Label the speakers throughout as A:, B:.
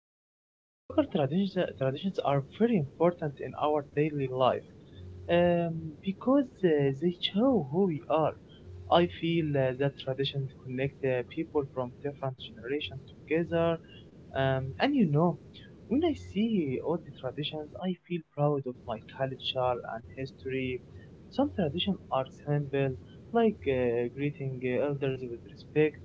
A: local traditions are very important in our daily life um, because they show who we are. I feel that traditions connect people from different generations together. And when I see all the traditions, I feel proud of my culture and history. Some traditions are simple, like greeting elders with respect.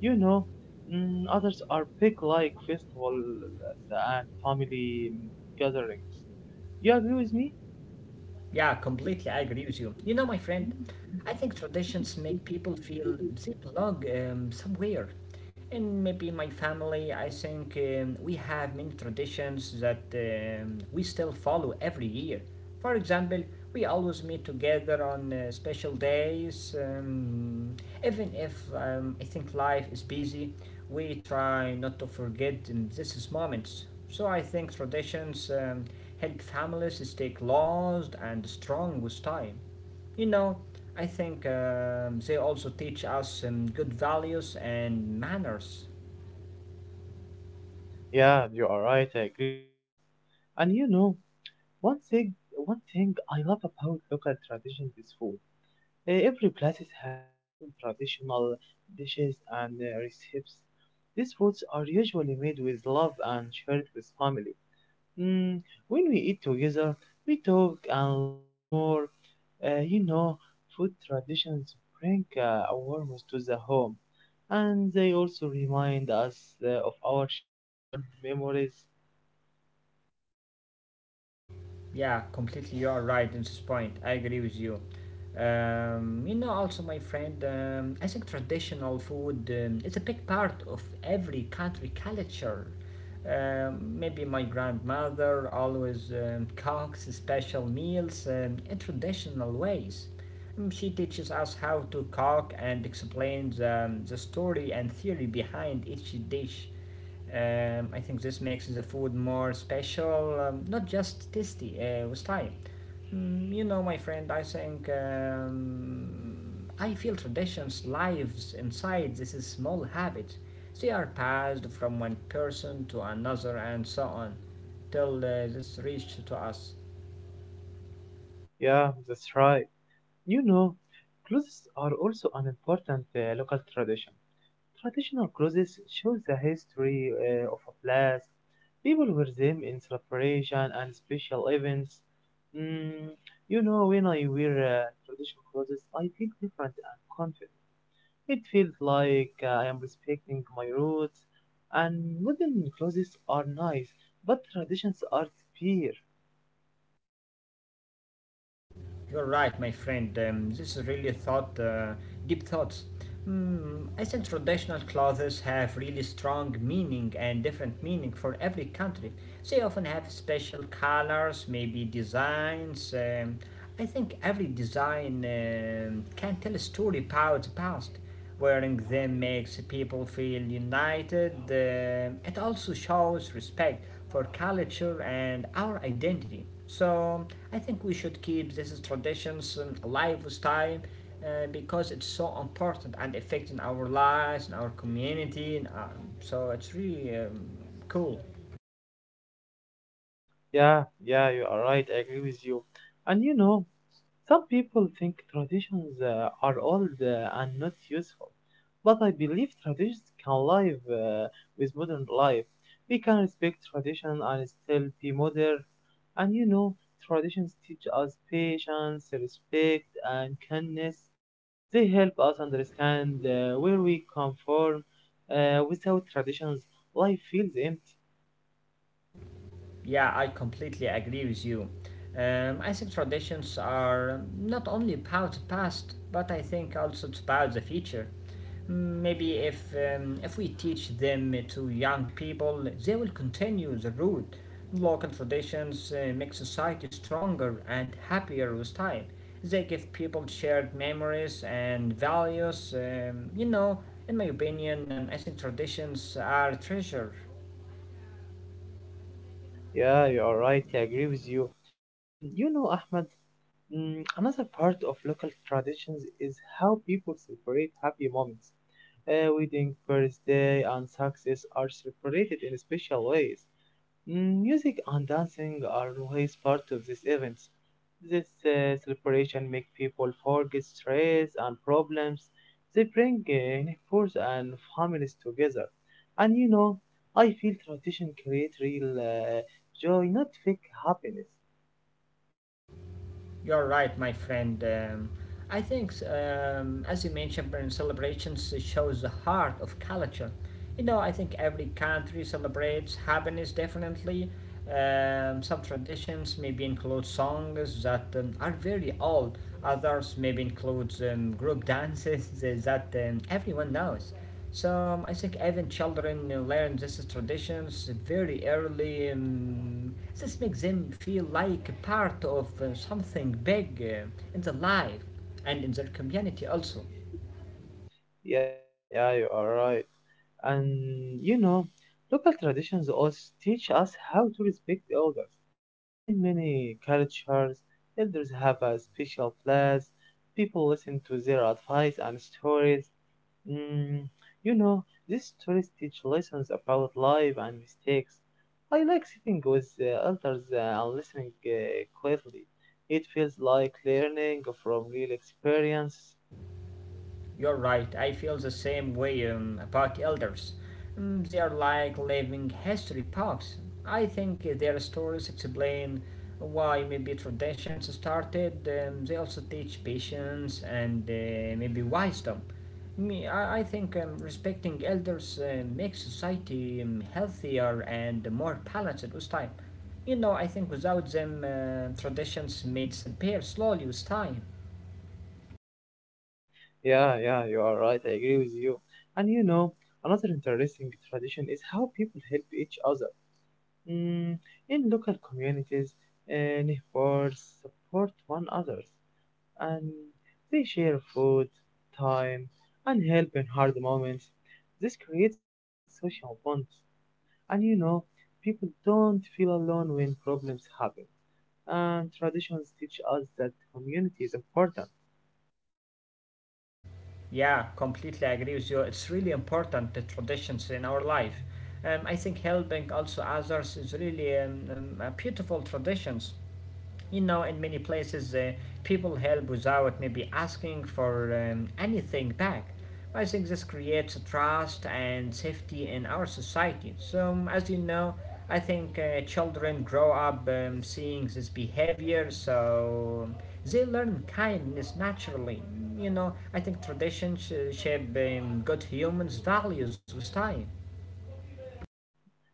A: You know. Others are big like festivals and family gatherings. You agree with me?
B: Yeah, completely, I agree with you. You know, my friend, I think traditions make people feel they belong somewhere. And maybe my family, I think we have many traditions that we still follow every year. For example, we always meet together on special days. Even if I think life is busy, we try not to forget these moments. So I think traditions help families stay closed and strong with time. You know, I think they also teach us good values and manners.
A: Yeah, you are right. I agree with you. And you know, one thing, one thing I love about local traditions is food. Every place has its own traditional dishes and recipes. These foods are usually made with love and shared with family. Mm, when we eat together, we talk and laugh more. You know, food traditions bring a warmth to the home, and they also remind us of our childhood memories.
B: Yeah, completely. You are right in this point. I agree with you. You know, also, my friend, I think traditional food is a big part of every country culture. Maybe my grandmother always cooks special meals in traditional ways. She teaches us how to cook and explains the story and theory behind each dish. I think this makes the food more special, not just tasty, with time. Mm, you know, my friend, I think I feel traditions lives inside this is small habit. They are passed from one person to another and so on, till this reach to us.
A: Yeah, that's right. You know, clothes are also an important local tradition. Traditional clothes shows the history of a place. People wear them in celebration and special events. Mm, you know, when I wear traditional clothes, I feel different and confident. It feels like I am respecting my roots. And modern clothes are nice, but traditions are pure.
B: You're right, my friend. This is really thought, deep thoughts. Hmm, I think traditional clothes have really strong meaning and different meaning for every country. They often have special colors, maybe designs. I think every design can tell a story about the past. Wearing them makes people feel united. It also shows respect for culture and our identity. So I think we should keep these traditions alive with time because it's so important and affecting our lives and our community. And, so it's really cool.
A: Yeah, yeah, you are right. I agree with you. And you know, some people think traditions are old and not useful, but I believe traditions can live with modern life. We can respect tradition and still be modern. And you know, traditions teach us patience, respect, and kindness. They help us understand where we come from. Without traditions, life feels empty.
B: Yeah, I completely agree with you. I think traditions are not only about the past, but I think also it's about the future. Maybe if we teach them to young people, they will continue the route. Local traditions make society stronger and happier with time. They give people shared memories and values. You know, in my opinion, I think traditions are treasure.
A: Yeah, you are right. I agree with you. And you know, Ahmed, another part of local traditions is how people celebrate happy moments. A wedding, birthday, and success are celebrated in special ways. Music and dancing are always part of these events. This celebration make people forget stress and problems. They bring neighbors and families together. And you know, I feel tradition create real joy, not fake happiness.
B: You're right, my friend. I think, as you mentioned, celebrations shows the heart of culture. You know, I think every country celebrates happiness differently. Some traditions maybe include songs that are very old. Others maybe includes group dances that everyone knows. So I think even children learn these traditions very early, and this makes them feel like a part of something big in their life and in their community also.
A: Yeah, yeah, you are right. And you know, local traditions also teach us how to respect the elders. In many cultures, elders have a special place. People listen to their advice and stories. Mm, you know, these stories teach lessons about life and mistakes. I like sitting with the elders and listening quietly. It feels like learning from real experience.
B: You're right, I feel the same way about elders. They are like living history books. I think their stories explain why maybe traditions started. They also teach patience and maybe wisdom. I think respecting elders makes society healthier and more balanced with time. You know, I think without them, traditions may disappear slowly with time.
A: Yeah, yeah, you are right. I agree with you. And you know, another interesting tradition is how people help each other. Mm, in local communities, uh, neighbors support one another, and they share food, time, and help in hard moments. This creates strong social bonds. And you know, people don't feel alone when problems happen. And traditions teach us that community is important.
B: Yeah, completely agree with you. It's really important the traditions in our life. I think helping also others is really a beautiful traditions, you know, in many places, people help without maybe asking for anything back. I think this creates trust and safety in our society, so as you know, I think children grow up seeing this behavior, so they learn kindness naturally. Mm, you know, I think traditions shape good humans values with time.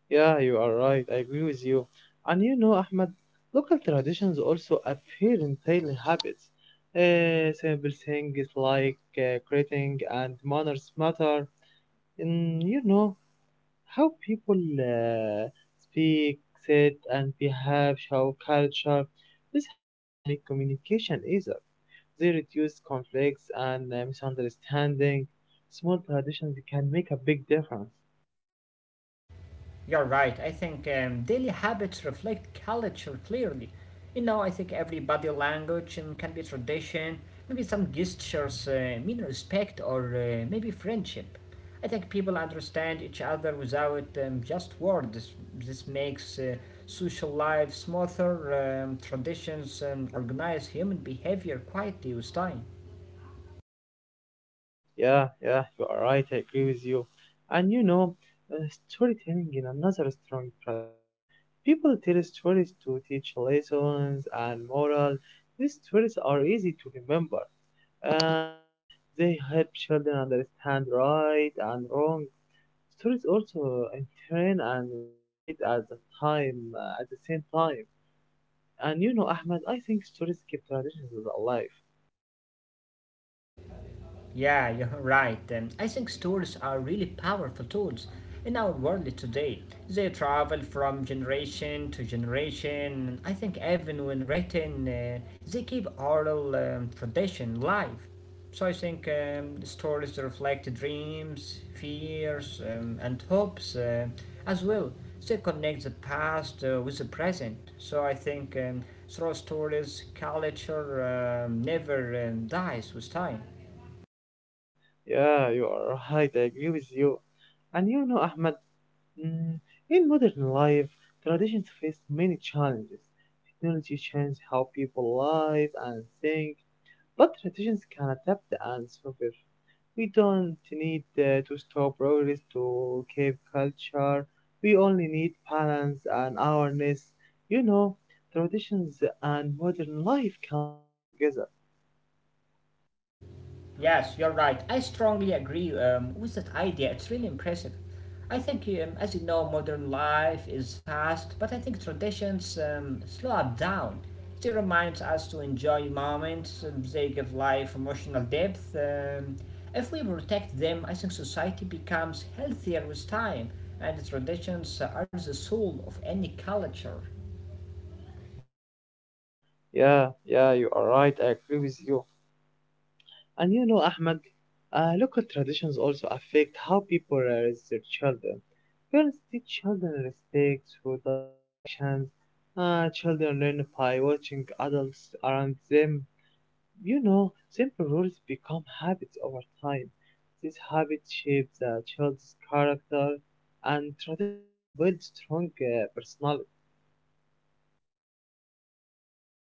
A: Yeah, you are right. I agree with you. And you know, Ahmed, local traditions also appear in daily habits. Simple things like greeting and manners matter. And you know, how people speak, sit, and behave, show culture. These habits make communication easier. They reduce conflicts and misunderstanding. Small traditions can make a big difference.
B: You're right. I think daily habits reflect culture clearly. You know, I think every body language can be tradition, maybe some gestures mean respect or maybe friendship. I think people understand each other without just words. This makes social life smoother. Traditions organize human behavior quietly with time.
A: Yeah, yeah, you are right. I agree with you. And you know, uh, storytelling is another strong tradition. People tell stories to teach lessons and moral. These stories are easy to remember. Uh, they help children understand right and wrong. Stories also entertain and educate at the time, at the same time. And you know, Ahmed, I think stories keep traditions alive.
B: Yeah, you're right. I think stories are really powerful tools in our world today. They travel from generation to generation. I think even when written, they keep oral tradition live. So I think stories reflect dreams, fears, and hopes as well. They connect the past with the present. So I think through stories, culture never dies with time.
A: Yeah, you are right. I agree with you. And you know, Ahmed, mm, in modern life, traditions face many challenges. Technology changes how people live and think, but traditions can adapt and survive. We don't need to stop progress to keep culture. We only need balance and awareness. You know, traditions and modern life can live together.
B: Yes, you're right. I strongly agree with that idea. It's really impressive. I think, as you know, modern life is fast, but I think traditions slow up down. It reminds us to enjoy moments, they give life emotional depth. If we protect them, I think society becomes healthier with time, and traditions are the soul of any culture.
A: Yeah, yeah, you are right. I agree with you. And you know, Ahmed, local traditions also affect how people raise their children. Parents teach children respect through daily actions. Children learn by watching adults around them. You know, simple rules become habits over time. These habits shape the child's character, and tradition help build strong personality.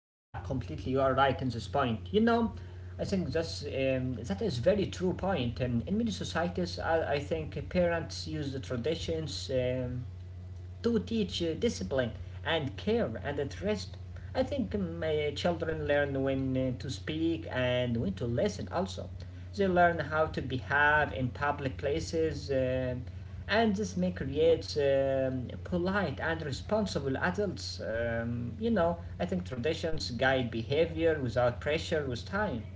B: Yeah, completely. You are right in this point. You know, I think that is very true point. And in many societies, I think parents use the traditions. Do teach discipline and care and interest. I think children learn when to speak and when to listen also. They learn how to behave in public places, and this may create polite and responsible adults. You know, I think traditions guide behavior without pressure with time.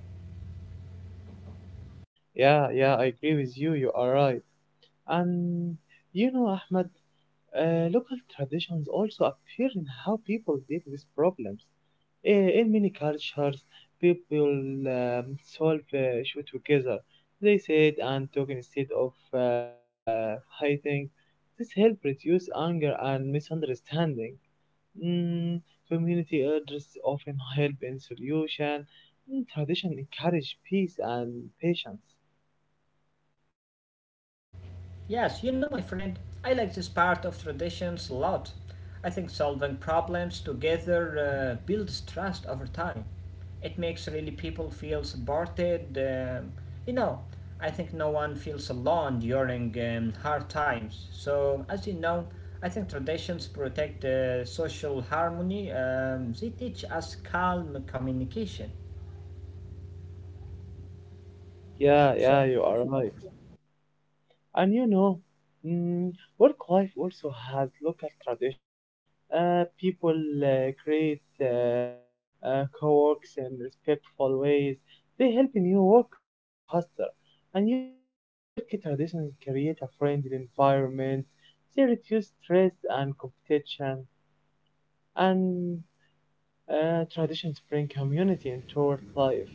A: Yeah, yeah, I agree with you. You are right. And you know, Ahmed, local traditions also appear in how people deal with problems. In many cultures, people solve issue together. They sit and talk instead of fighting. This helps reduce anger and misunderstanding. Mm, Community elders often help in solution. Tradition encourage peace and patience.
B: Yes, you know, my friend, I like this part of traditions a lot. I think solving problems together builds trust over time. It makes really people feel supported. You know, I think no one feels alone during hard times. So, as you know, I think traditions protect social harmony. They teach us calm communication.
A: Yeah,
B: So,
A: yeah, you are right. And you know, mm, work life also has local traditions. People create co-works in respectful ways. They help new workers learn faster. And you know, work traditions create a friendly environment. They reduce stress and competition. And traditions bring community into work life.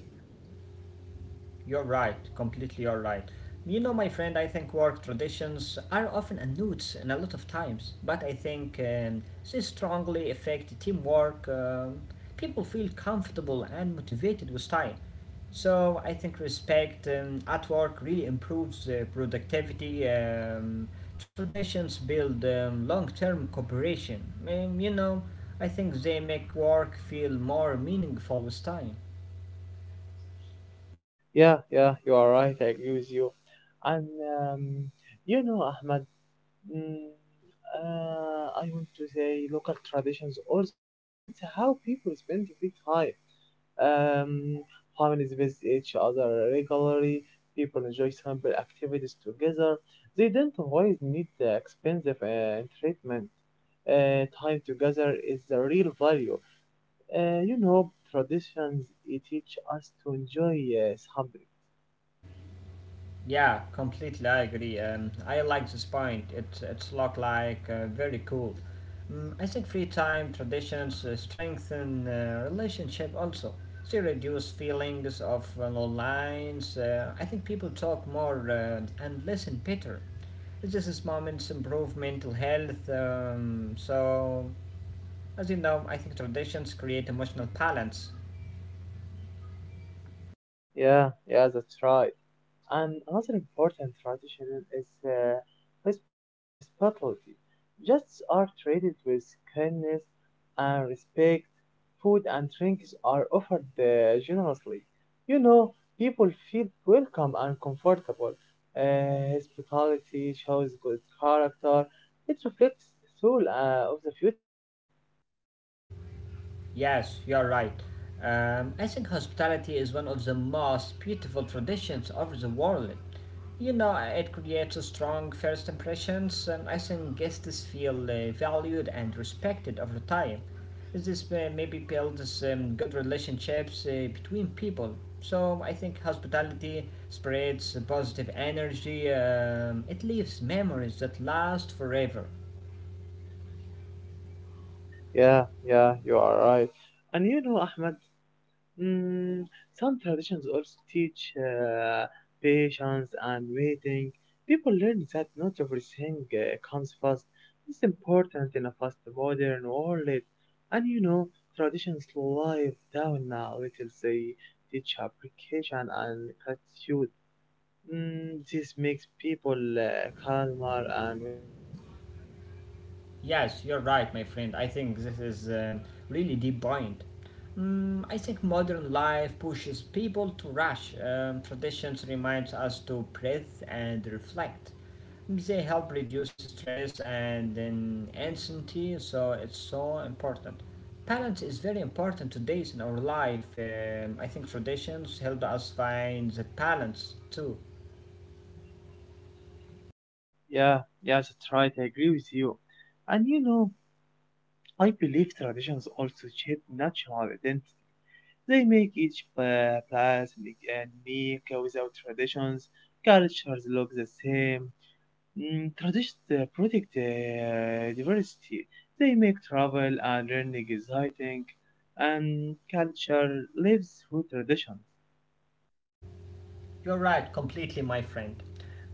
B: you're right, completely you're right. You know, my friend, I think work traditions are often unknown in a lot of times, but I think they strongly affect teamwork. People feel comfortable and motivated with time. So I think respect at work really improves productivity. Traditions build long-term cooperation. You know, I think they make work feel more meaningful with time.
A: Yeah, yeah, you are right. I agree with you. And um, you know, Ahmed. Mm, I want to say local traditions also influence how people spend free time. Um, Families visit each other regularly. People enjoy simple activities together. They don't always need the expensive treatment. Time together is the real value. You know, traditions it teach us to enjoy something.
B: Yeah, completely. I agree. I like this point. It's look like very cool. Mm, I think free time traditions strengthen relationship also. They reduce feelings of lines. I think people talk more and listen better. This is moments improve mental health. So as you know, I think traditions create emotional balance.
A: Yeah, yeah, that's right. And another important tradition is hosp- uh, hospitality. Guests are treated with kindness and respect. Food and drinks are offered generously. You know, people feel welcome and comfortable. Hospitality shows good character. It reflects the soul of the future.
B: Yes, you're right. I think hospitality is one of the most beautiful traditions of the world. You know, it creates a strong first impressions, and I think guests feel valued and respected over time. This may maybe builds good relationships between people. So I think hospitality spreads positive energy. It leaves memories that last forever.
A: Yeah, yeah, you are right. And you know, Ahmed, Mm, some traditions also teach patience and waiting. People learn that not everything comes fast. It's important in a fast modern world. And you know, traditions live down now little. They teach application and gratitude. This makes people calmer and wiser.
B: Yes, you're right, my friend. I think this is a really deep point. Mm, I think modern life pushes people to rush. Traditions reminds us to breathe and reflect. They help reduce stress and then anxiety, so it's so important. Balance is very important today in our life. I think traditions help us find that balance too.
A: Yeah, yeah, that's right. I agree with you. And you know, I believe traditions also shape natural identity. They make each place unique and unique without traditions. Cultures look the same. Traditions protect diversity. They make travel and learning exciting. And culture lives through tradition.
B: You're right, completely, my friend.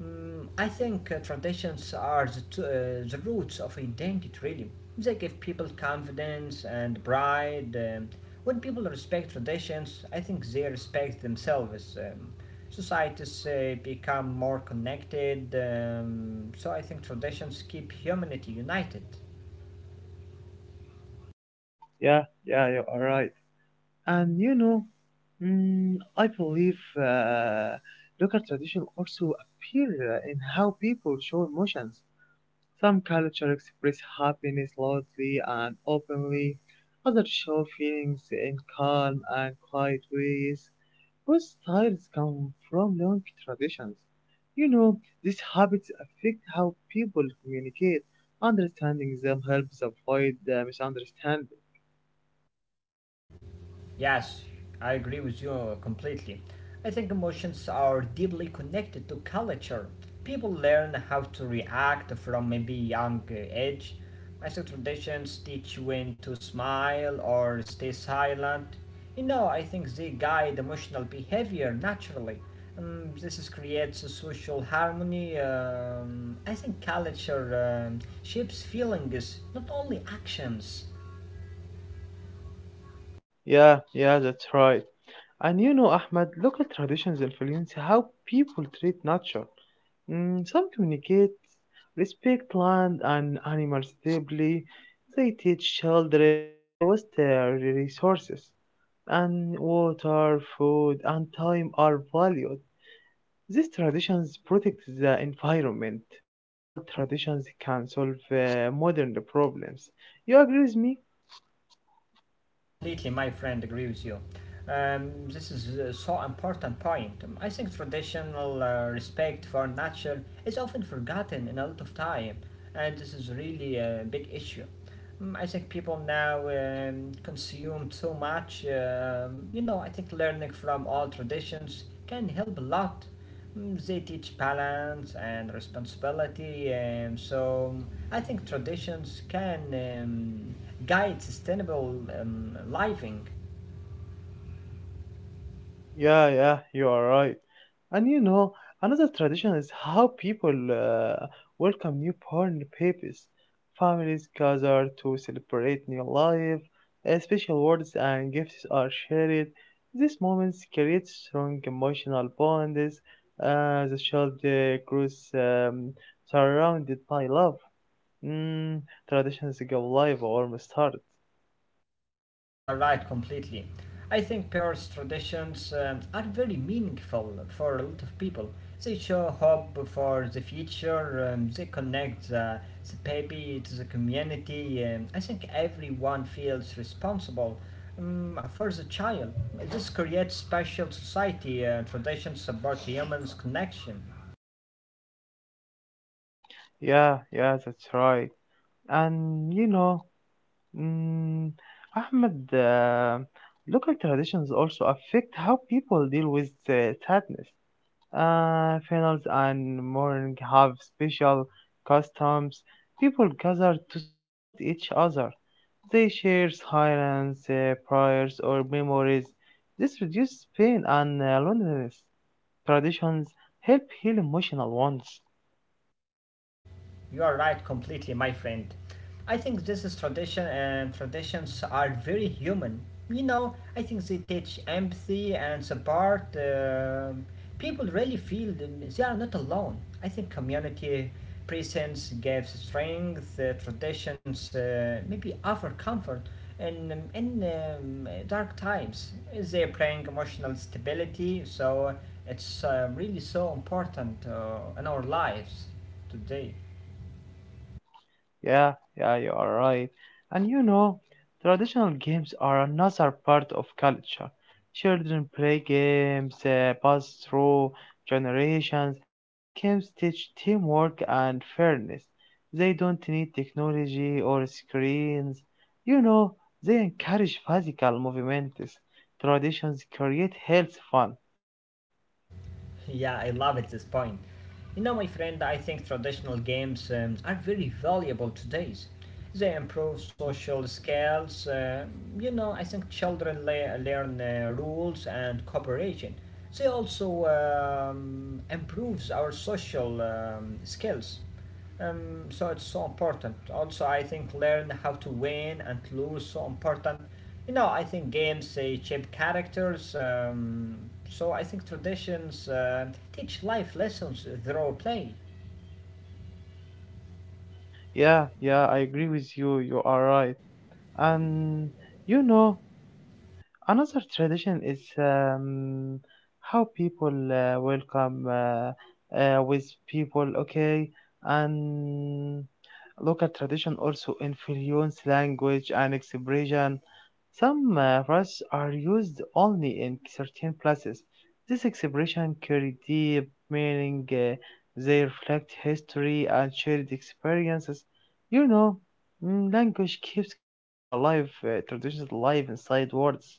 B: Mm, I think traditions are the roots of identity, really. They give people confidence and pride. When people respect traditions, I think they respect themselves. Societies become more connected, so I think traditions keep humanity united.
A: Yeah, yeah, you are right. And you know, I believe local tradition also appear in how people show emotions. Some cultures express happiness loudly and openly, others show feelings in calm and quiet ways. Both styles come from long traditions. You know, these habits affect how people communicate. Understanding them helps avoid misunderstanding.
B: Yes, I agree with you completely. I think emotions are deeply connected to culture. People learn how to react from maybe young age. Master traditions teach when to smile or stay silent. You know, I think they guide emotional behavior naturally. This is creates a social harmony. I think culture shapes feelings, not only actions.
A: Yeah, yeah, that's right. And you know, Ahmed, local traditions influence how people treat nature. Some communicate respect land and animals deeply. They teach children not to waste their resources, and water, food, and time are valued. These traditions protect the environment. All traditions can solve modern problems. You agree with me?
B: Completely, my friend, agree with you. This is so important point. I think traditional respect for nature is often forgotten in a lot of time, and this is really a big issue. I think people now consume so much. You know, I think learning from all traditions can help a lot. Mm, they teach balance and responsibility, so I think traditions can guide sustainable living.
A: Yeah, yeah, you are right. And you know, another tradition is how people welcome newborn babies. Families gather to celebrate new life, special words and gifts are shared. These moments create strong emotional bonds. The child grows surrounded by love. Mm, Traditions go live almost start.
B: You're right completely. I think Perth's traditions are very meaningful for a lot of people. They show hope for the future, they connect the baby to the community. I think everyone feels responsible for the child. This creates special society, traditions support humans' connection.
A: Yeah, yeah, that's right. And you know, Mm, Ahmed, local traditions also affect how people deal with sadness. Funerals and mourning have special customs. People gather to support each other. They share silence, prayers, or memories. This reduces pain and loneliness. Traditions help heal emotional wounds.
B: You are right completely, my friend. I think this is tradition, and traditions are very human. You know, I think they teach empathy and support. People really feel them- they are not alone. I think community presence gives strength, traditions maybe offer comfort in dark times. They bring emotional stability, so it's really so important in our lives today.
A: Yeah, yeah, you are right. And you know, traditional games are another part of culture. Children play games, pass through generations. These games teach teamwork and fairness. They don't need technology or screens. You know, they encourage physical movements. Traditions create health fun.
B: Yeah, I love it this point. You know, my friend, I think traditional games are very valuable today. They improve social skills. I think children learn rules and cooperation. They also improves our social skills, so it's so important. Also, I think learn how to win and lose, so important. You know, I think games, they shape characters, so I think traditions teach life lessons through play.
A: Yeah, yeah, I agree with you. You are right. And you know, another tradition is how people welcome with people, okay, and local tradition also influence language and expression. Some words are used only in certain places. This expression carry deep meaning. They reflect history and shared experiences. You know, language keeps culture alive, traditions alive inside words.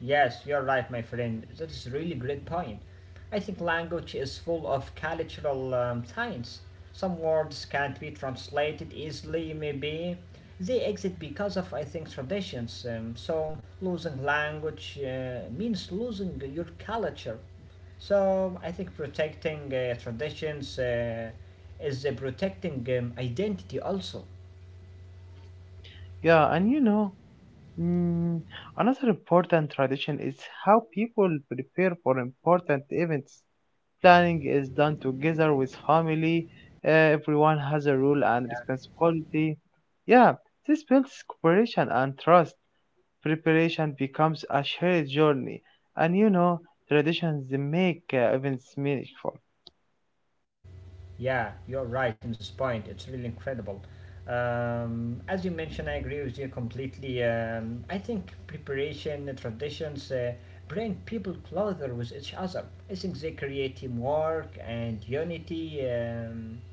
B: Yes, you're right, my friend. That is a really great point. I think language is full of cultural science. Some words can't be translated easily, maybe. They exist because of, I think, traditions. So, losing language means losing your culture. So, I think protecting traditions is protecting identity also.
A: Yeah, and you know, mm, another important tradition is how people prepare for important events. Planning is done together with family, everyone has a role and responsibility. Yeah, this builds cooperation and trust. Preparation becomes a shared journey, and you know, traditions make events meaningful.
B: Yeah, you're right in this point. It's really incredible. As you mentioned, I agree with you completely. I think preparation, traditions bring people closer with each other. I think they create teamwork and unity.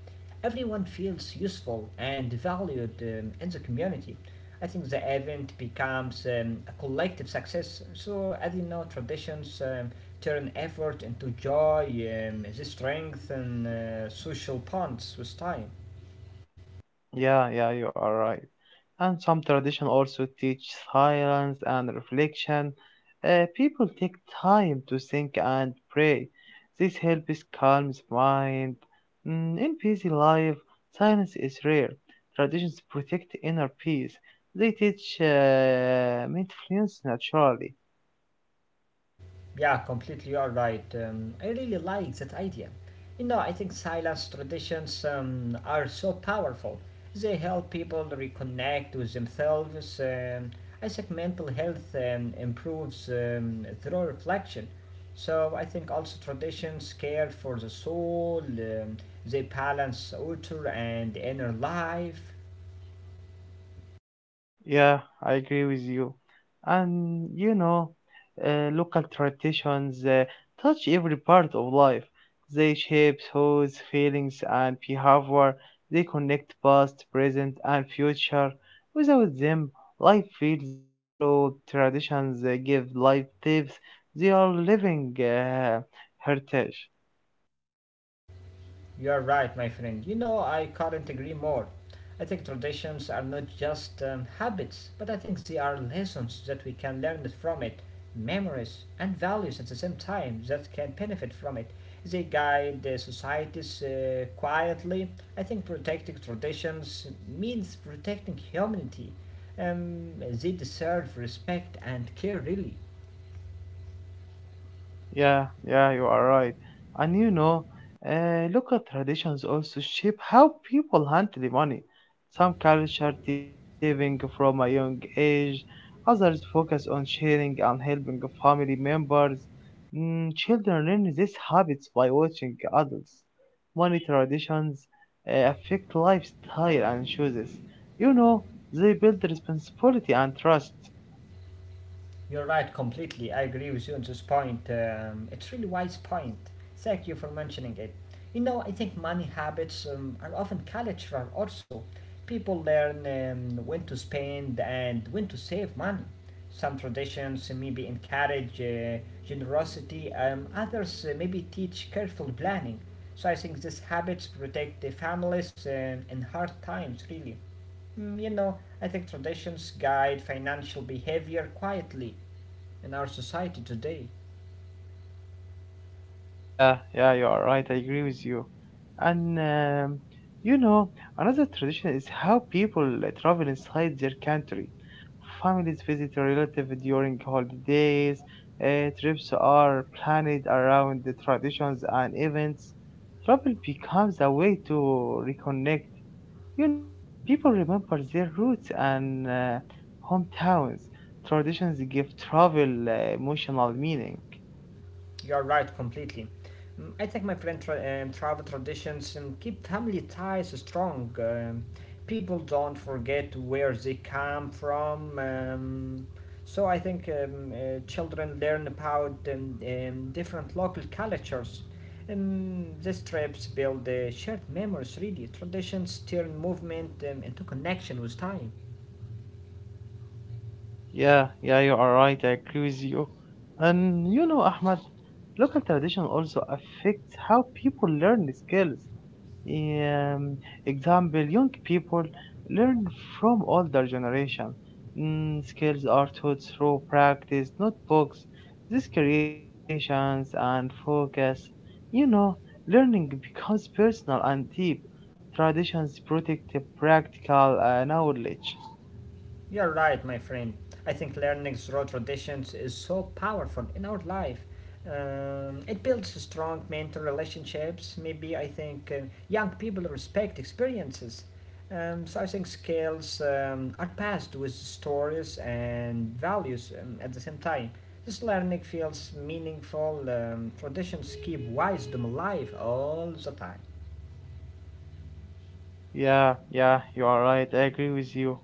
B: Everyone feels useful and valued in the community. I think the event becomes a collective success. So, as you know, traditions turn effort into joy, they strengthen social bonds with time.
A: Yeah, yeah, you are right. And some tradition also teach silence and reflection. People take time to think and pray. This helps calm the mind. In busy life, silence is rare. Traditions protect inner peace. They teach mindfulness naturally.
B: Yeah, completely all right. I really like that idea. You know, I think silence traditions are so powerful. They help people reconnect with themselves. I think mental health improves through reflection. So I think also traditions care for the soul. They balance outer and inner life.
A: Yeah, I agree with you. And you know, local traditions touch every part of life. They shape thoughts, feelings, and behavior. They connect past, present, and future. Without them, life feels shallow. Traditions give life tips. They are living heritage.
B: You are right, my friend. You know, I couldn't agree more. I think traditions are not just habits, but I think they are lessons that we can learn from it, memories and values at the same time that can benefit from it. They guide the societies quietly. I think protecting traditions means protecting humanity. They deserve respect and care, really.
A: Yeah, yeah, you are right. And you know, local traditions also shape how people handle money. Some cultures teach saving from a young age, others focus on sharing and helping family members. Mm, children learn these habits by watching adults. Money traditions affect lifestyle and choices. You know, they build responsibility and trust.
B: You're right completely. I agree with you on this point. It's really wise point. Thank you for mentioning it. You know, I think money habits are often cultural also. People learn when to spend and when to save money. Some traditions maybe encourage generosity, others maybe teach careful planning. So I think these habits protect the families in hard times, really. You know, I think traditions guide financial behavior quietly in our society today.
A: Yeah, yeah, you are right. I agree with you. And you know, another tradition is how people travel inside their country. Families visit relatives during holidays. Trips are planned around the traditions and events. Travel becomes a way to reconnect. You know, people remember their roots and hometowns. Traditions give travel emotional meaning.
B: You are right completely. I think my friend travel traditions keep family ties strong. People don't forget where they come from. So I think children learn about different local cultures. These trips build shared memories, really. Traditions turn movement into connection with time.
A: Yeah, yeah, you are right. I agree with you. And you know, Ahmad, local tradition also affects how people learn skills. Um, example, young people learn from older generation. Mm, skills are taught through practice, not books. This creates patience and focus. You know, learning becomes personal and deep. Traditions protect the practical knowledge.
B: You're right, my friend. I think learning through traditions is so powerful in our life. It builds strong mental relationships. Maybe I think young people respect experiences. So I think skills are passed with stories and values at the same time. This learning feels meaningful. Traditions keep wisdom alive all the time.
A: Yeah, yeah, you are right. I agree with you.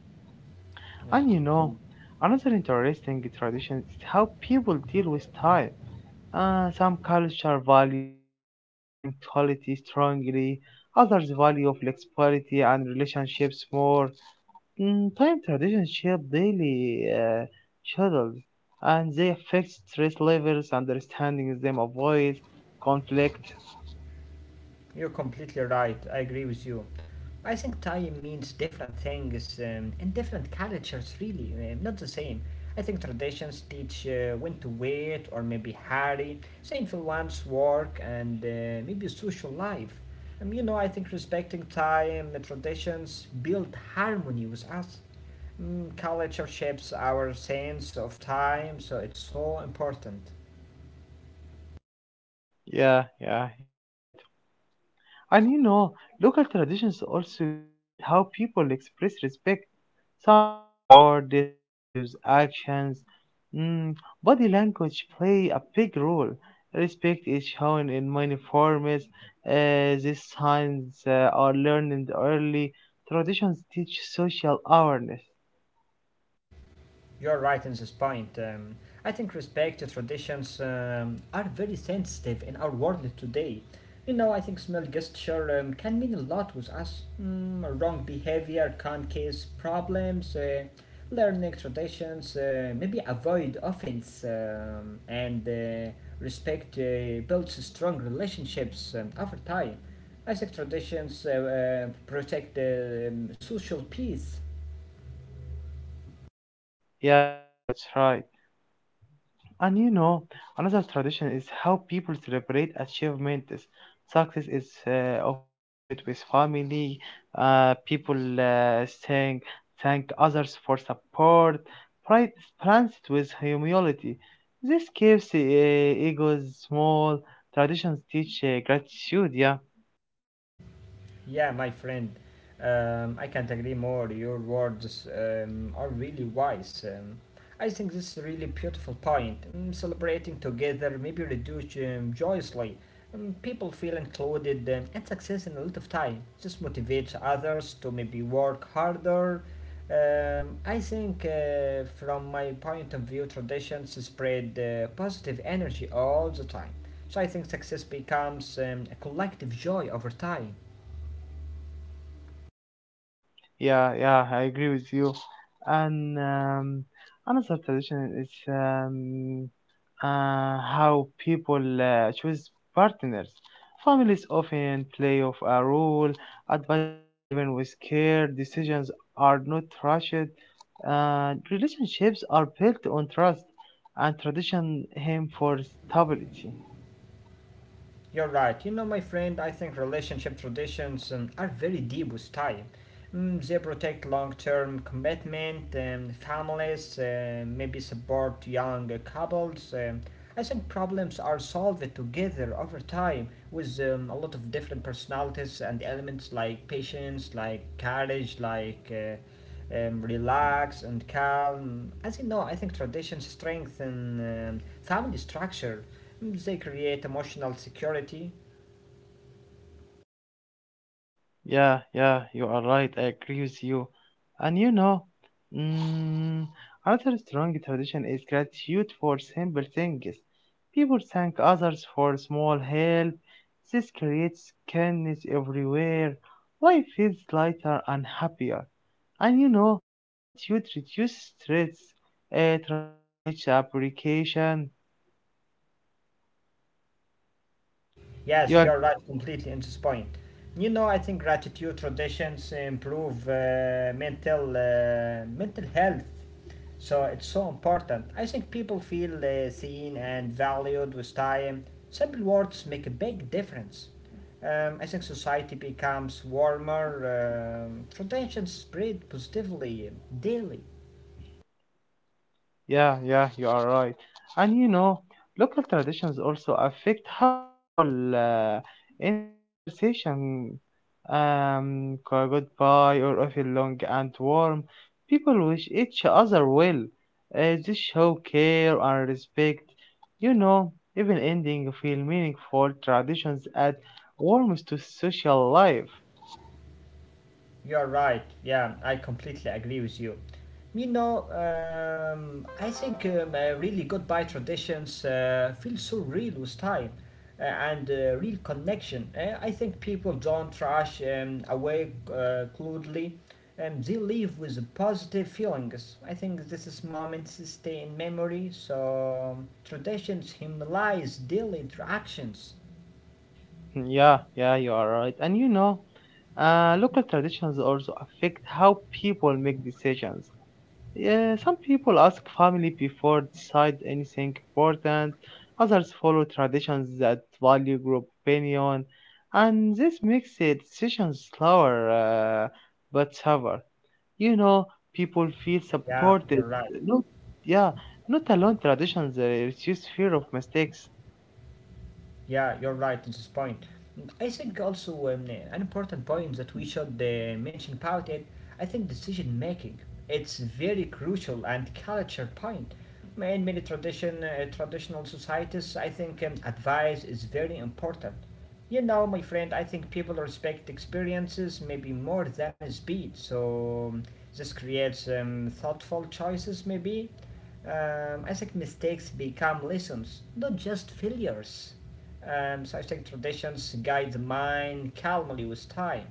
B: Yeah.
A: And you know, another interesting tradition is how people deal with time. Some culture value punctuality strongly, others value flexibility and relationships more. Mm, time traditions shape daily schedules, and they affect stress levels. Understanding them avoids conflict.
B: You're completely right. I agree with you. I think time means different things in different cultures, really, not the same. I think traditions teach when to wait or maybe hurry, same for one's work and maybe social life. You know, I think respecting time, traditions build harmony with us. Culture shapes our sense of time, so it's so important.
A: Yeah, yeah, you are right. And you know, local traditions also guide how people express respect. Some use words, others use actions. Mm, body language play a big role. Respect is shown in many forms. These signs are learned early. Traditions teach social awareness.
B: You're right in this point. I think respect to traditions are very sensitive in our world today. You know, I think small gesture can mean a lot with us. Wrong behavior can cause problems. Learning traditions, maybe avoid offense, and respect builds strong relationships over time. I think traditions protect social peace.
A: Yeah, yeah, that's right. And you know, another tradition is how people celebrate achievements. Success is often shared with family. People saying thank others for support. Pride is pranced with humility. This keeps egos small. Traditions teach gratitude. Yeah.
B: Yeah, my friend, I can't agree more. Your words are really wise. I think this is a really beautiful point. Celebrating together, maybe reduce joyously. People feel included and success in a lot of time. This motivates others to maybe work harder. I think, from my point of view, traditions spread positive energy all the time. So I think success becomes a collective joy over time.
A: Yeah, yeah, I agree with you. And another tradition is how people choose partners. Families often play off a role, advice is given with care, decisions are not rushed, relationships are built on trust, and tradition aim for stability.
B: You're right. You know, my friend, I think relationship traditions are very deep with time. They protect long term commitment, families, maybe support young couples. I think problems are solved together over time with a lot of different personalities and elements like patience, like courage, like relax and calm. As you know, I think traditions strengthen family structure. They create emotional security.
A: Yeah, yeah, you are right. I agree with you. And you know, mm, another strong tradition is gratitude for simple things. People thank others for small help. This creates kindness everywhere. Life feels lighter and happier. And you know, gratitude reduces stress. A tradition teaches application.
B: Yes,
A: You,
B: you're right completely in this point. You know, I think gratitude traditions improve mental health. So it's so important. I think people feel seen and valued with time. Simple words make a big difference. I think society becomes warmer. Traditions spread positively daily.
A: yeah, yeah, you are right. And you know, local traditions also affect how people end conversation. Go- goodbye or often long and warm. People wish each other well. They show care and respect. You know, even ending feel meaningful. Traditions add warmth to social life.
B: You're right. Yeah, I completely agree with you. You know, I think really goodbye traditions feel so real with time and real connection. I think people don't rush away crudely. They leave with positive feelings. I think this is moments that stay in memory. So traditions humanize daily interactions.
A: Yeah, yeah, you are right. And you know, local traditions also affect how people make decisions. Yeah, some people ask family before decide anything important. Others follow traditions that value group opinion, and this makes the decisions slower but tougher. You know, people feel
B: Yeah, you're
A: supported.
B: right.
A: Not, yeah, not alone. Traditions reduce fear of mistakes.
B: Yeah, you're right in this point. I think also an important point that we should mention about it. I think decision making. It's very crucial and culture point. In many traditional societies, I think advice is very important. You know, my friend, I think people respect experiences maybe more than speed, so this creates thoughtful choices, maybe. I think mistakes become lessons, not just failures. So I think traditions guide the mind calmly with time.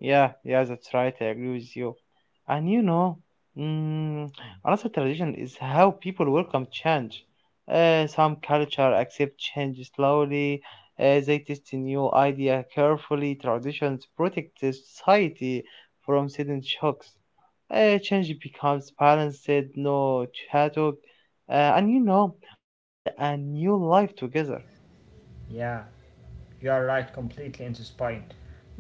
A: Yeah, yeah, that's right. I agree with you. And you know, mm, another tradition is how people welcome change. Some culture accept change slowly. They test a new idea carefully. Traditions protect the society from sudden shocks. Change becomes balanced, no chaotic, and you know, old and new life together.
B: Yeah, you're right, completely into spine.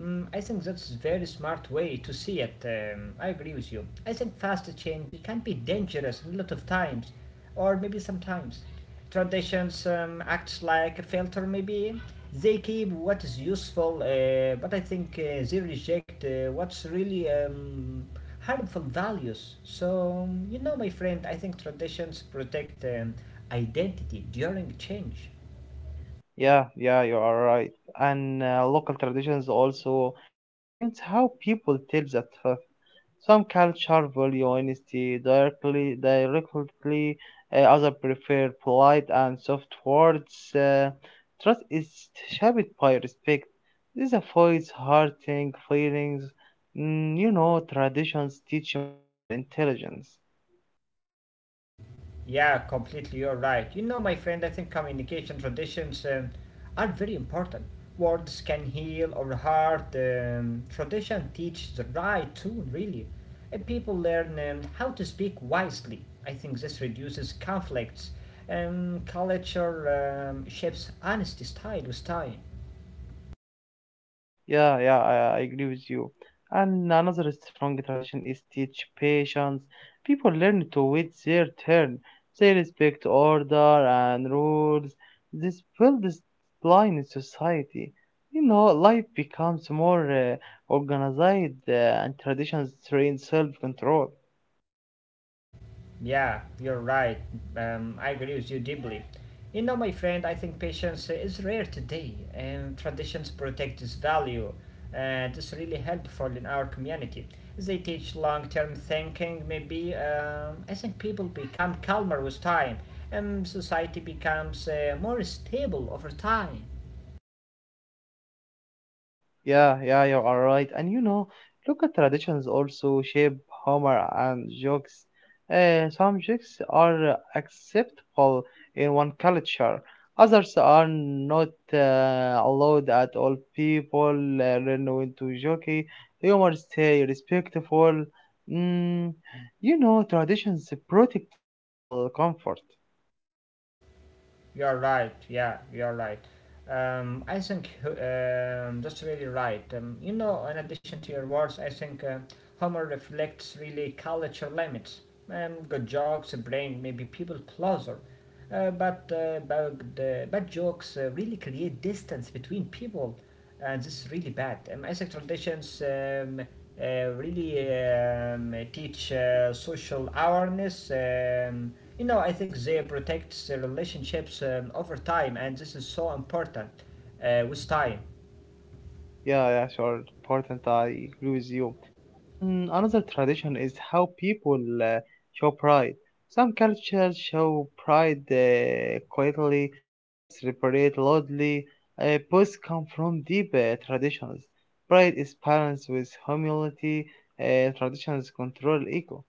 B: I think that's a very smart way to see it. I agree with you. I think fast change can be dangerous a lot of times, or maybe sometimes. Traditions acts like a filter, maybe. They keep what is useful, but I think they reject what's really harmful values. So, you know, my friend, I think traditions protect identity during change.
A: Yeah, yeah, you are right. And local traditions also influence how people tell the truth. Some culture value honesty directly. Others prefer polite and soft words. Trust is shaped by respect. This avoids hurting feelings. Mm, you know, traditions teach emotional intelligence.
B: Yeah, completely, you're right. You know, my friend, I think communication traditions are very important. Words can heal or hurt. Tradition teaches the right tune, really. And people learn how to speak wisely. I think this reduces conflicts. Culture shapes honesty style with time.
A: Yeah, yeah, I agree with you. And another strong tradition is teach patience. People learn to wait their turn. They respect order and rules. This builds discipline in society. You know, life becomes more organized and traditions train self-control.
B: Yeah, you're right. I agree with you deeply. You know, my friend, I think patience is rare today, and traditions protect its value, and it's really helpful in our community. They teach long term thinking, maybe. I think people become calmer with time, and society becomes more stable over time.
A: Yeah, yeah, you are right. And you know, local traditions also shape humor and jokes. Some jokes are acceptable in one culture, others are not allowed at all. People learn when to joke, humor stay respectful. Mm, you know, traditions protect social comfort.
B: You're right. Yeah, you're right. I think that's really right. You know, in addition to your words, I think humor reflects really culture limits. Good jokes bring maybe people closer, but bad, bad jokes really create distance between people, and this is really bad. I think traditions uh, really teach social awareness. You know, I think they protect the relationships over time, and this is so important with time.
A: Yeah, yeah, sure, important. I agree with you. And another tradition is how people show pride. Some cultures show pride quietly, others celebrate loudly. Both come from deep traditions. Pride is balanced with humility. Traditions control ego.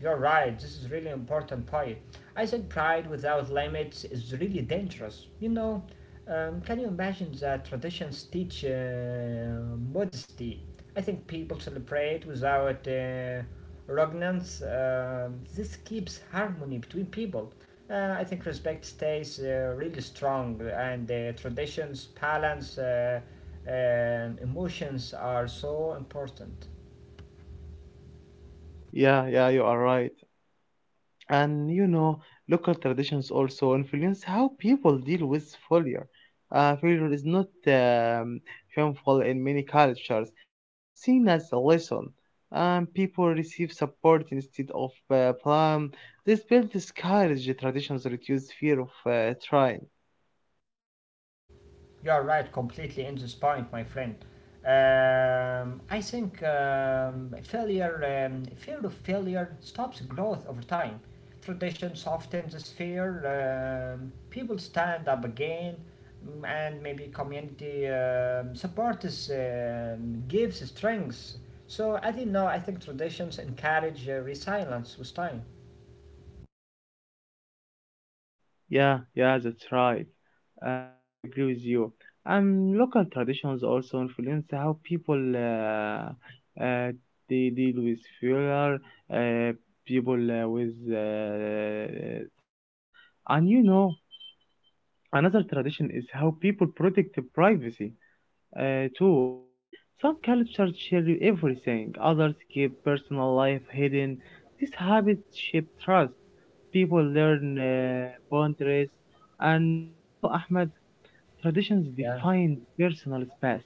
B: You're right, this is really important point. I said pride without limits is really dangerous. You know, can you imagine that traditions teach modesty? I think people celebrate without repugnance. This keeps harmony between people. I think respect stays really strong, and traditions, balance, emotions are so important.
A: Yeah, yeah, you are right. And you know, local traditions also influence how people deal with failure. Failure is not shameful in many cultures, it's seen as a lesson, and people receive support instead of blame. This builds courage. Traditions reduce fear of trying.
B: You're right, completely in this point, my friend. I think fear of failure stops growth over time. Tradition softens this fear. People stand up again, and maybe community support is, gives strength. So I didn't know. I think traditions encourage resilience with time.
A: Yeah, yeah, that's right. I agree with you. And local traditions also influence how people they deal with fuel, uh, people with taxes, and you know, another tradition is how people protect their privacy too. Okay, some cultures share everything, others keep personal life hidden. This habit shape trust. People learn boundaries, and you know, Ahmed, traditions define personal space.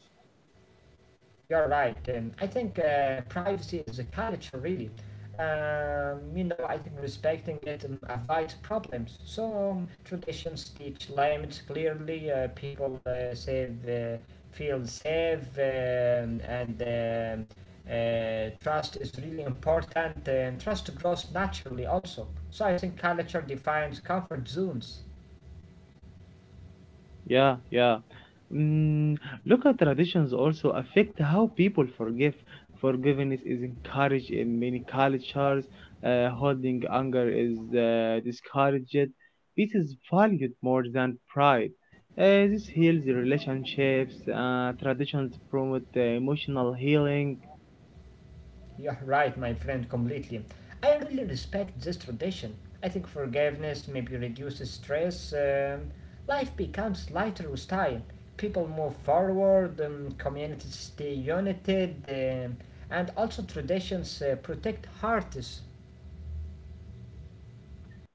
B: You're right. I think privacy is a culture, really. You know, I think respecting it avoids problems. So traditions teach limits clearly. People feel safe, and trust is really important. And trust grows naturally also. So I think culture defines comfort zones.
A: Yeah, yeah. Mm, local traditions also affect how people forgive. Forgiveness is encouraged in many cultures. Holding anger is discouraged. Peace is valued more than pride. This heals relationships. Traditions promote emotional healing.
B: You're right, my friend, completely. I really respect this tradition. I think forgiveness maybe reduces stress. Life becomes lighter with time. People move forward, communities stay united, and also traditions protect hearts.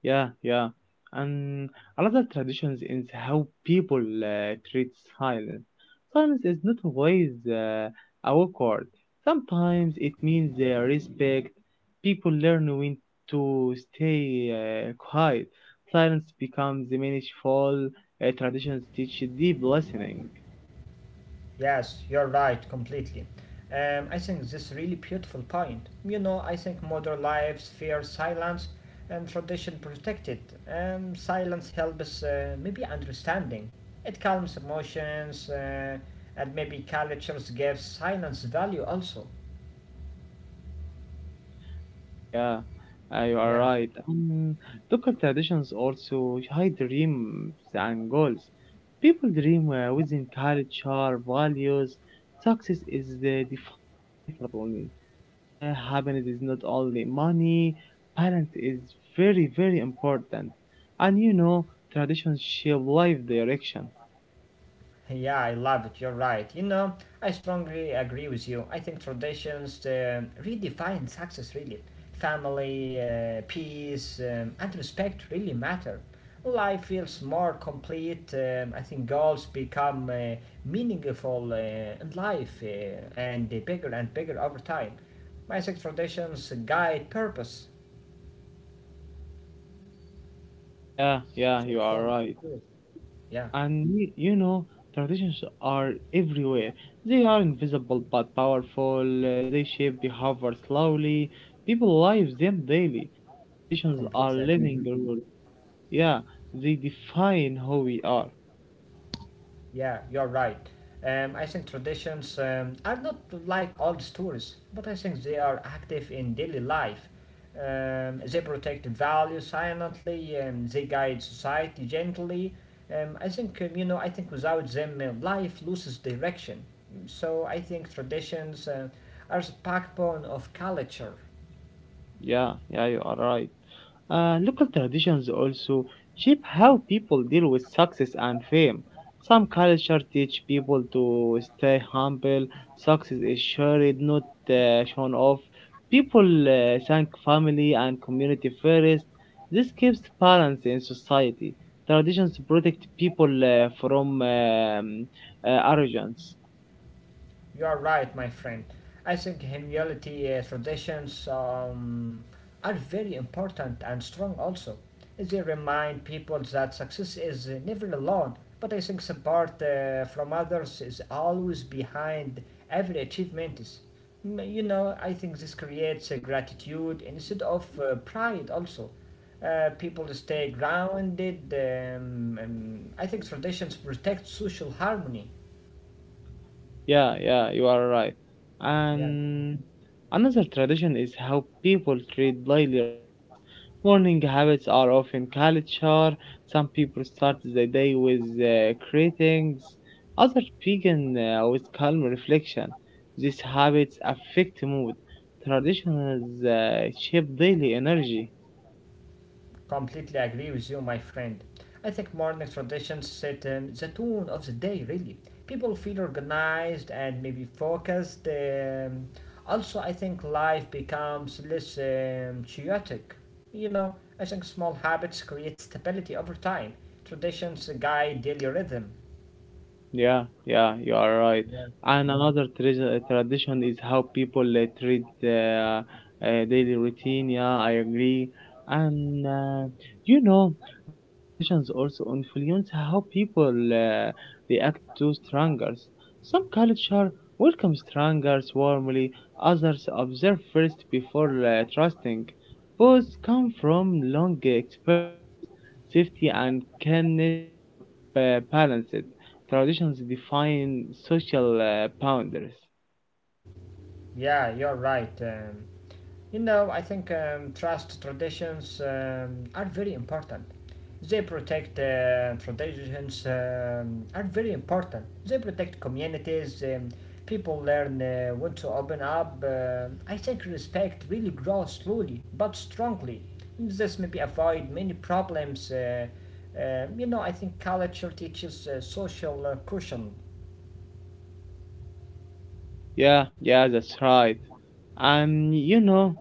A: Yeah, yeah. And another tradition is how people treat silence. Silence is not always awkward. Sometimes it means respect. People learn when to stay quiet. Silence becomes meaningful. Traditions teach deep listening.
B: Yes, you're right, completely. I think this really beautiful point. You know, I think modern lives fear silence and tradition protect it. And silence helps maybe understanding. It calms emotions and maybe cultures give silence value also.
A: Yeah, yeah, you are
B: Yeah.
A: right. Local traditions also hide dreams and goals. People dream within culture, values. Success is defined differently. Happiness is not only money. Balance is very, very important. And you know, traditions shape life direction.
B: Yeah, I love it. You're right. You know, I strongly agree with you. I think traditions redefine success, really. Family, peace, and respect really matter. Life feels more complete. I think goals become meaningful in life and bigger and bigger over time. My sex traditions guide purpose.
A: Yeah, yeah,
B: So,
A: you are
B: so, so
A: right.
B: good. Yeah,
A: And you know, traditions are everywhere. They are invisible but powerful. They shape behavior slowly. People live them daily. Traditions are
B: completely agree.
A: living rules. Yeah, they define who we are.
B: Yeah, you're right. I think traditions are not like old stories, but I think they are active in daily life. They protect values silently; they guide society gently. I think without them, life loses direction. So I think traditions are the backbone of culture.
A: Yeah, yeah, you are right. Local traditions also shape how people deal with success and fame. Some cultures teach people to stay humble, success is shared, not shown off. People thank family and community first. This keeps balance in society. Traditions protect people from arrogance.
B: You are right, my friend. I think humility traditions are very important and strong also. They remind people that success is never alone, but I think support from others is always behind every achievement. Is- Mm, you know, I think this creates gratitude instead of pride also. People stay grounded. I think traditions protect social harmony.
A: Yeah, yeah, you are right.
B: Yeah.
A: And another tradition is how people treat daily routines. Morning habits are often culture. Some people start the day with greetings, others begin with calm reflection. These habits affect mood. Traditions shape daily energy.
B: Completely agree with you, my friend. I think morning traditions set the tone of the day, really. People feel organized and maybe focused. Also, I think life becomes less chaotic. You know, I think small habits create stability over time. Traditions guide daily rhythm.
A: Yeah, yeah, you are right. And another tradition is how people treat daily routine. Yeah, I agree. And you know, local traditions also influence how people react to strangers. Some culture welcome strangers warmly, others observe first before trusting. Both come from long experiences. Safety and kindness are balanced. Traditions define social boundaries.
B: Yeah, you're right. I think trust traditions are very important. They protect traditions are very important. They protect communities. People learn when to open up. I think respect really grows slowly but strongly. This maybe avoid many problems. I think culture teaches social caution.
A: Yeah, yeah, that's right. And you know,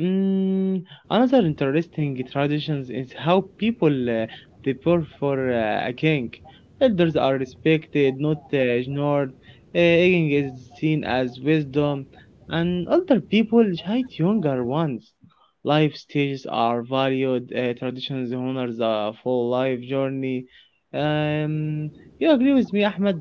A: mm, another interesting tradition is how people they for a king. Elders are respected, not ignored. Aging is seen as wisdom, and older people hate younger ones. Life stages are valued. Traditions honors a full life journey. Um, you agree with me, Ahmed?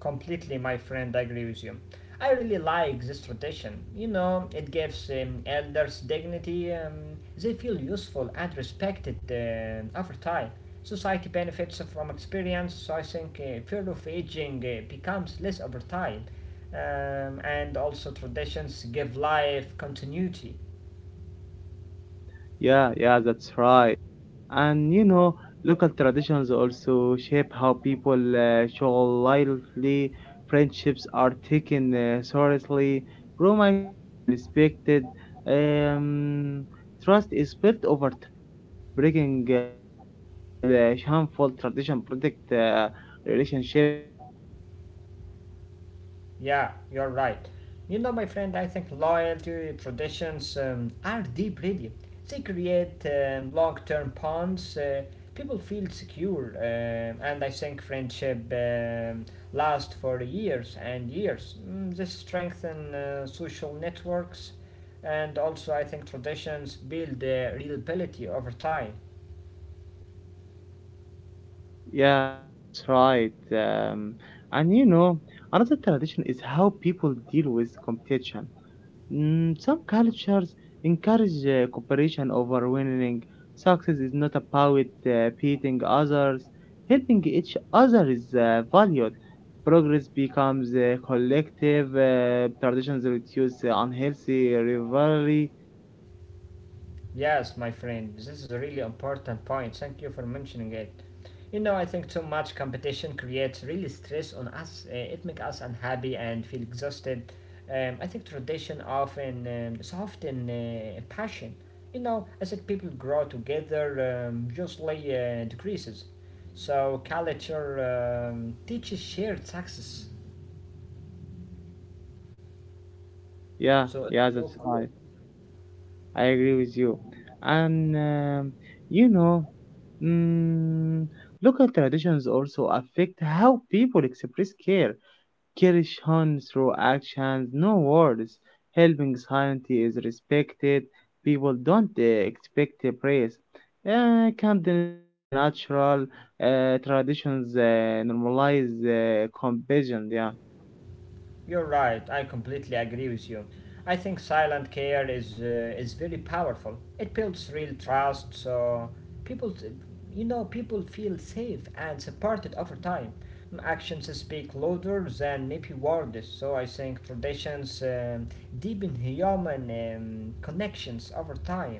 B: Completely, my friend, I agree with you. I really like this tradition. You know, it gives elders dignity; they feel useful and respected over time. Society benefits from experience, so I think fear of aging becomes less over time. And also, traditions give life continuity.
A: Yeah, yeah, that's right. And you know, local traditions also shape how people show loyalty. Friendships are taken seriously. Promises are respected. Um, trust is built over time. Breaking lightly is a harmful tradition. Protect relationships. Yeah,
B: Yeah, you're right. You know, my friend, I think loyalty traditions are deep, really. They create long term bonds. People feel secure, and I think friendship lasts for years and years. Mm, this strengthens social networks, and also I think traditions build reliability over time.
A: yeah, yeah, that's right. And you know, another tradition is how people deal with competition. Mm, some cultures encourage cooperation over winning. Success is not about beating others. Helping each other is valued. Progress becomes collective. Traditions reduce unhealthy rivalry.
B: Yes, my friend, this is a really important point. Thank you for mentioning it. You know, I think too much competition creates really stress on us. It makes us unhappy and feel exhausted. I think tradition often is often passion. You know, I think people grow together usually decreases. So culture teaches shared success.
A: Yeah,
B: So
A: yeah,
B: it's
A: that's
B: so
A: right.
B: cool.
A: I agree with you. And you know, mm, local traditions also affect how people express care. Courage shone through actions, no words. Helping society is respected. People don't expect a praise. Kindness feels natural. Traditions normalize compassion. Yeah,
B: You're right. I completely agree with you. I think silent care is very powerful. It builds real trust, so people, people feel safe and supported over time. Mm, actions speak louder than maybe words. So I think traditions deepen human connections over time.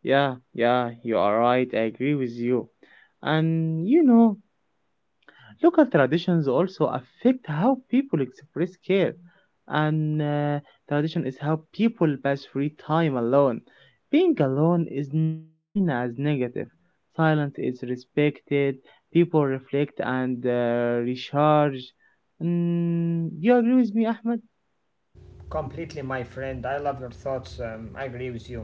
A: yeah, yeah, you are right. I agree with you. And you know, local traditions also affect how people express care, and tradition is how people pass free time alone. Being alone is not seen as negative. Silence is respected. People reflect and recharge. Mm, you agree with me, Ahmed?
B: Completely, my friend. I love your thoughts. I agree with you.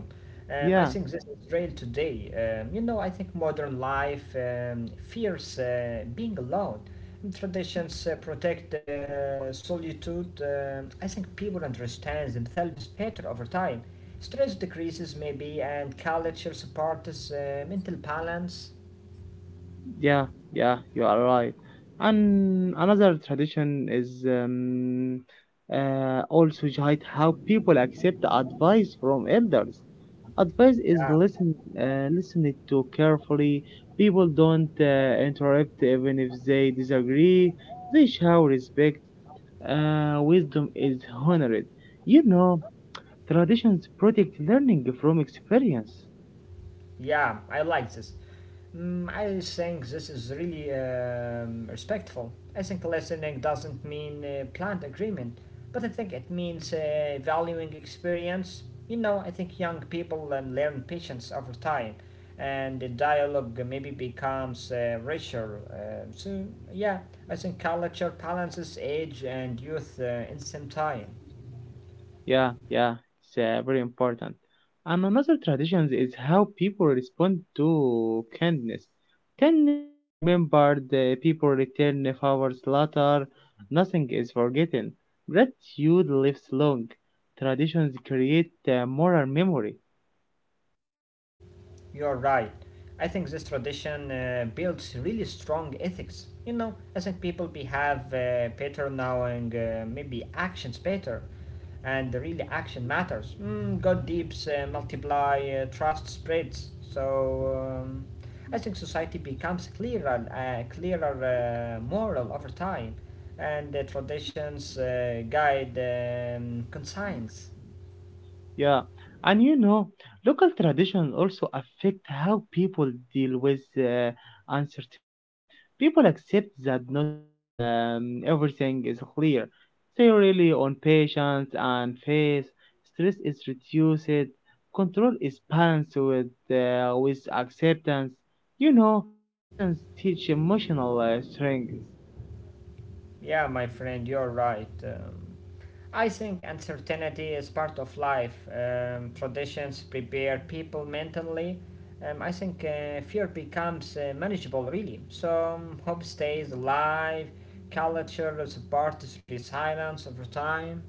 B: I
A: Yeah.
B: think this is real today. I think modern life fears being alone. Traditions protect solitude. I think people understand themselves better over time. Stress decreases, maybe, and culture supports mental balance.
A: Yeah, yeah, you are right. And another tradition is also hide how people accept advice from elders. Advice is
B: Yeah.
A: listened to carefully. People don't interrupt even if they disagree. They show respect. Wisdom is honored. You know, traditions protect learning from experience.
B: Yeah, I like this. Mm, I think this is really respectful. I think listening doesn't mean planned agreement, but I think it means valuing experience. You know, I think young people learn patience over time, and the dialogue maybe becomes richer. Yeah, I think culture balances age and youth in the same time.
A: Yeah, yeah, it's very important. And another tradition is how people respond to kindness. Kindness is remembered, people return favors later, nothing is forgotten. Gratitude lives long. Traditions create moral memory.
B: You're right. I think this tradition builds really strong ethics. You know, I think people behave better now and maybe actions better. And really, action matters. Mm, God deeps, multiply, trust spreads. I think society becomes clearer, moral over time, and the traditions guide conscience.
A: Yeah, and you know, local traditions also affect how people deal with uncertainty. People accept that not everything is clear. They rely on patience and faith. Stress is reduced. Control is balanced with with acceptance. You know, traditions teach emotional strength.
B: Yeah, my friend, you're right. I think uncertainty is part of life. Traditions prepare people mentally. I think fear becomes manageable, really. Hope stays alive, culture supports resilience over time.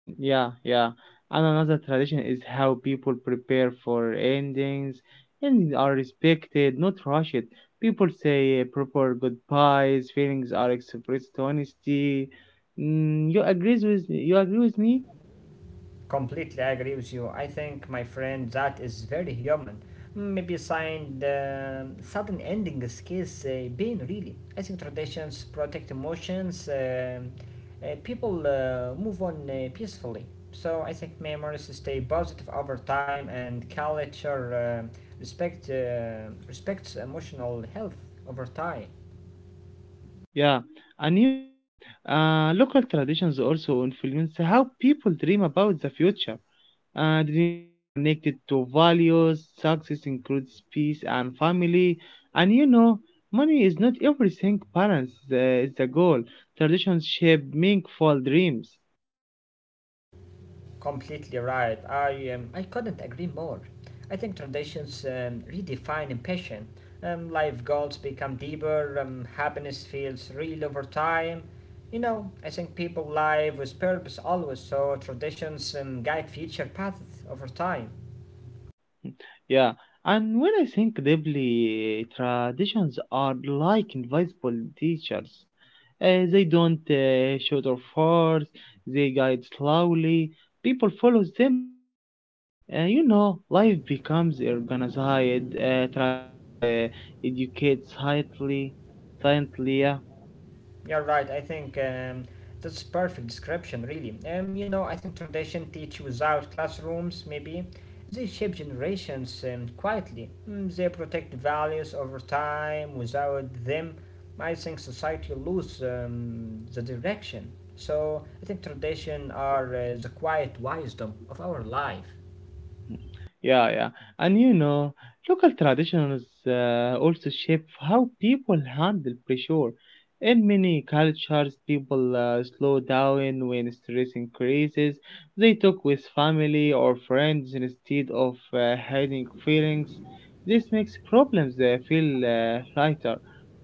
A: Mm. Yeah, yeah. And another tradition is how people prepare for endings. Endings are respected, not rushed. People say proper goodbyes. Feelings are expressed honestly. Mm, you agree with me?
B: Completely agree with you. I think, my friend, that is very human. Maybe signed sudden ending is case pain really. I think traditions protect emotions. People move on peacefully. So I think memories stay positive over time, and culture respect uh, respects emotional health over time.
A: Yeah. And you know, local traditions also influence how people dream about the future. And dreams are connected to values. Success includes peace and family. And you know, money is not everything, balance is the goal. Traditions shape meaningful dreams.
B: Completely right. I couldn't agree more. I think traditions redefine passion. Life goals become deeper. Happiness feels real over time. You know, I think people live with purpose always, so traditions guide future paths over time.
A: Yeah, and when I think deeply, traditions are like invisible teachers. They don't shout or force, they guide slowly. People follow them naturally. You know, life becomes organized, traditions educate silently, yeah.
B: You're right. I think That's perfect description, really. I think tradition teaches out classrooms, maybe. They shape generations quietly. Mm, they protect values over time. Without them, I think society loses the direction. So I think tradition are the quiet wisdom of our life.
A: Yeah, yeah. And you know, local traditions also shape how people handle pressure. In many cultures, people slow down when stress increases. They talk with family or friends instead of hiding feelings. This makes problems feel lighter.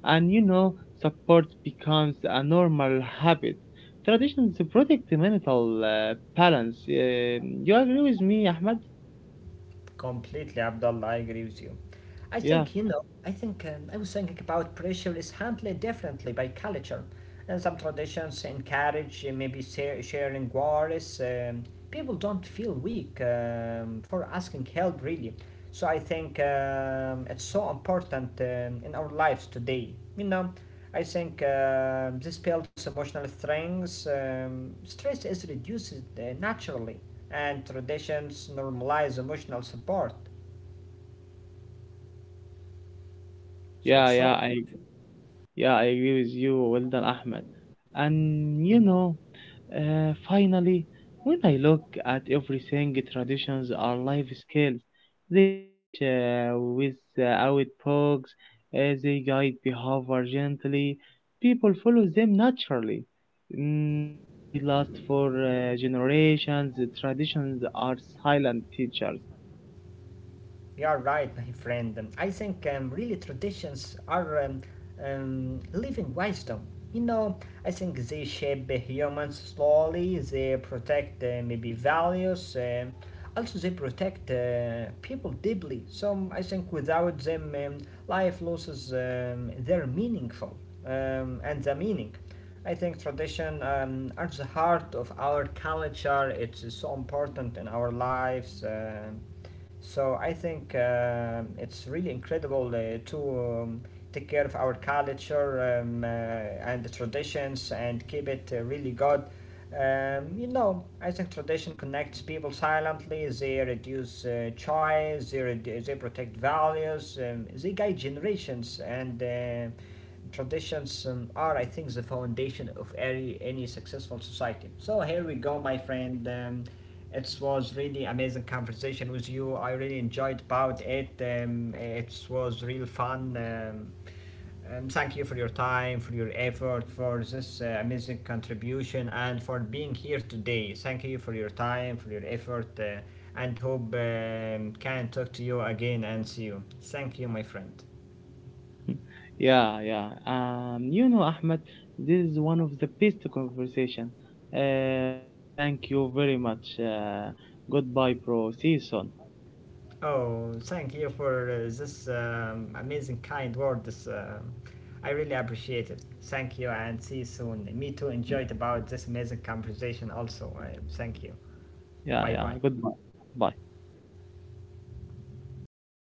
A: And you know, support becomes a normal habit. Traditions protect the mental balance. You agree with me, Ahmed?
B: Completely, Abdullah, I agree with you.
A: Yeah.
B: I think I was thinking about pressure is handled differently by culture. And some traditions encourage maybe sa- sharing worries. People don't feel weak for asking help, really. So I think it's so important in our lives today, you know. I think this builds emotional strength. Stress is reduced naturally, and traditions normalize emotional support. So
A: Yeah,
B: it's
A: yeah,
B: so
A: I yeah, I agree with you, well done, Ahmed. And you know, finally, when I look at everything, traditions are life skills. They teach without books, they guide behavior gently. People follow them naturally. Mm, they last for generations. The traditions are silent teachers.
B: You are right, my friend. I think really traditions are living wisdom. You know, I think they shape the humans slowly, they protect maybe values, also, they protect people deeply. I think without them, life loses their meaningful and the meaning. I think tradition are the heart of our culture. It's so important in our lives. So I think it's really incredible to take care of our culture and the traditions and keep it really good. I think tradition connects people silently. They reduce choice. They redu- they protect values. They guide generations and. Traditions are, I think, the foundation of any successful society. So here we go, my friend. It was really amazing conversation with you. I really enjoyed about it. It was real fun. And thank you for your time, for your effort, for this amazing contribution, and for being here today. Thank you for your time, for your effort, and hope can talk to you again and see you. Thank you, my friend.
A: Yeah, yeah. You know, Ahmed, this is one of the best conversation. Thank you very much. Goodbye, bro. See you soon.
B: Oh, thank you for this amazing kind word. I really appreciate it. Thank you and see you soon. Me too
A: Mm.
B: enjoyed about this amazing conversation also. Thank you.
A: Yeah,
B: Bye bye.
A: yeah. Goodbye. Bye.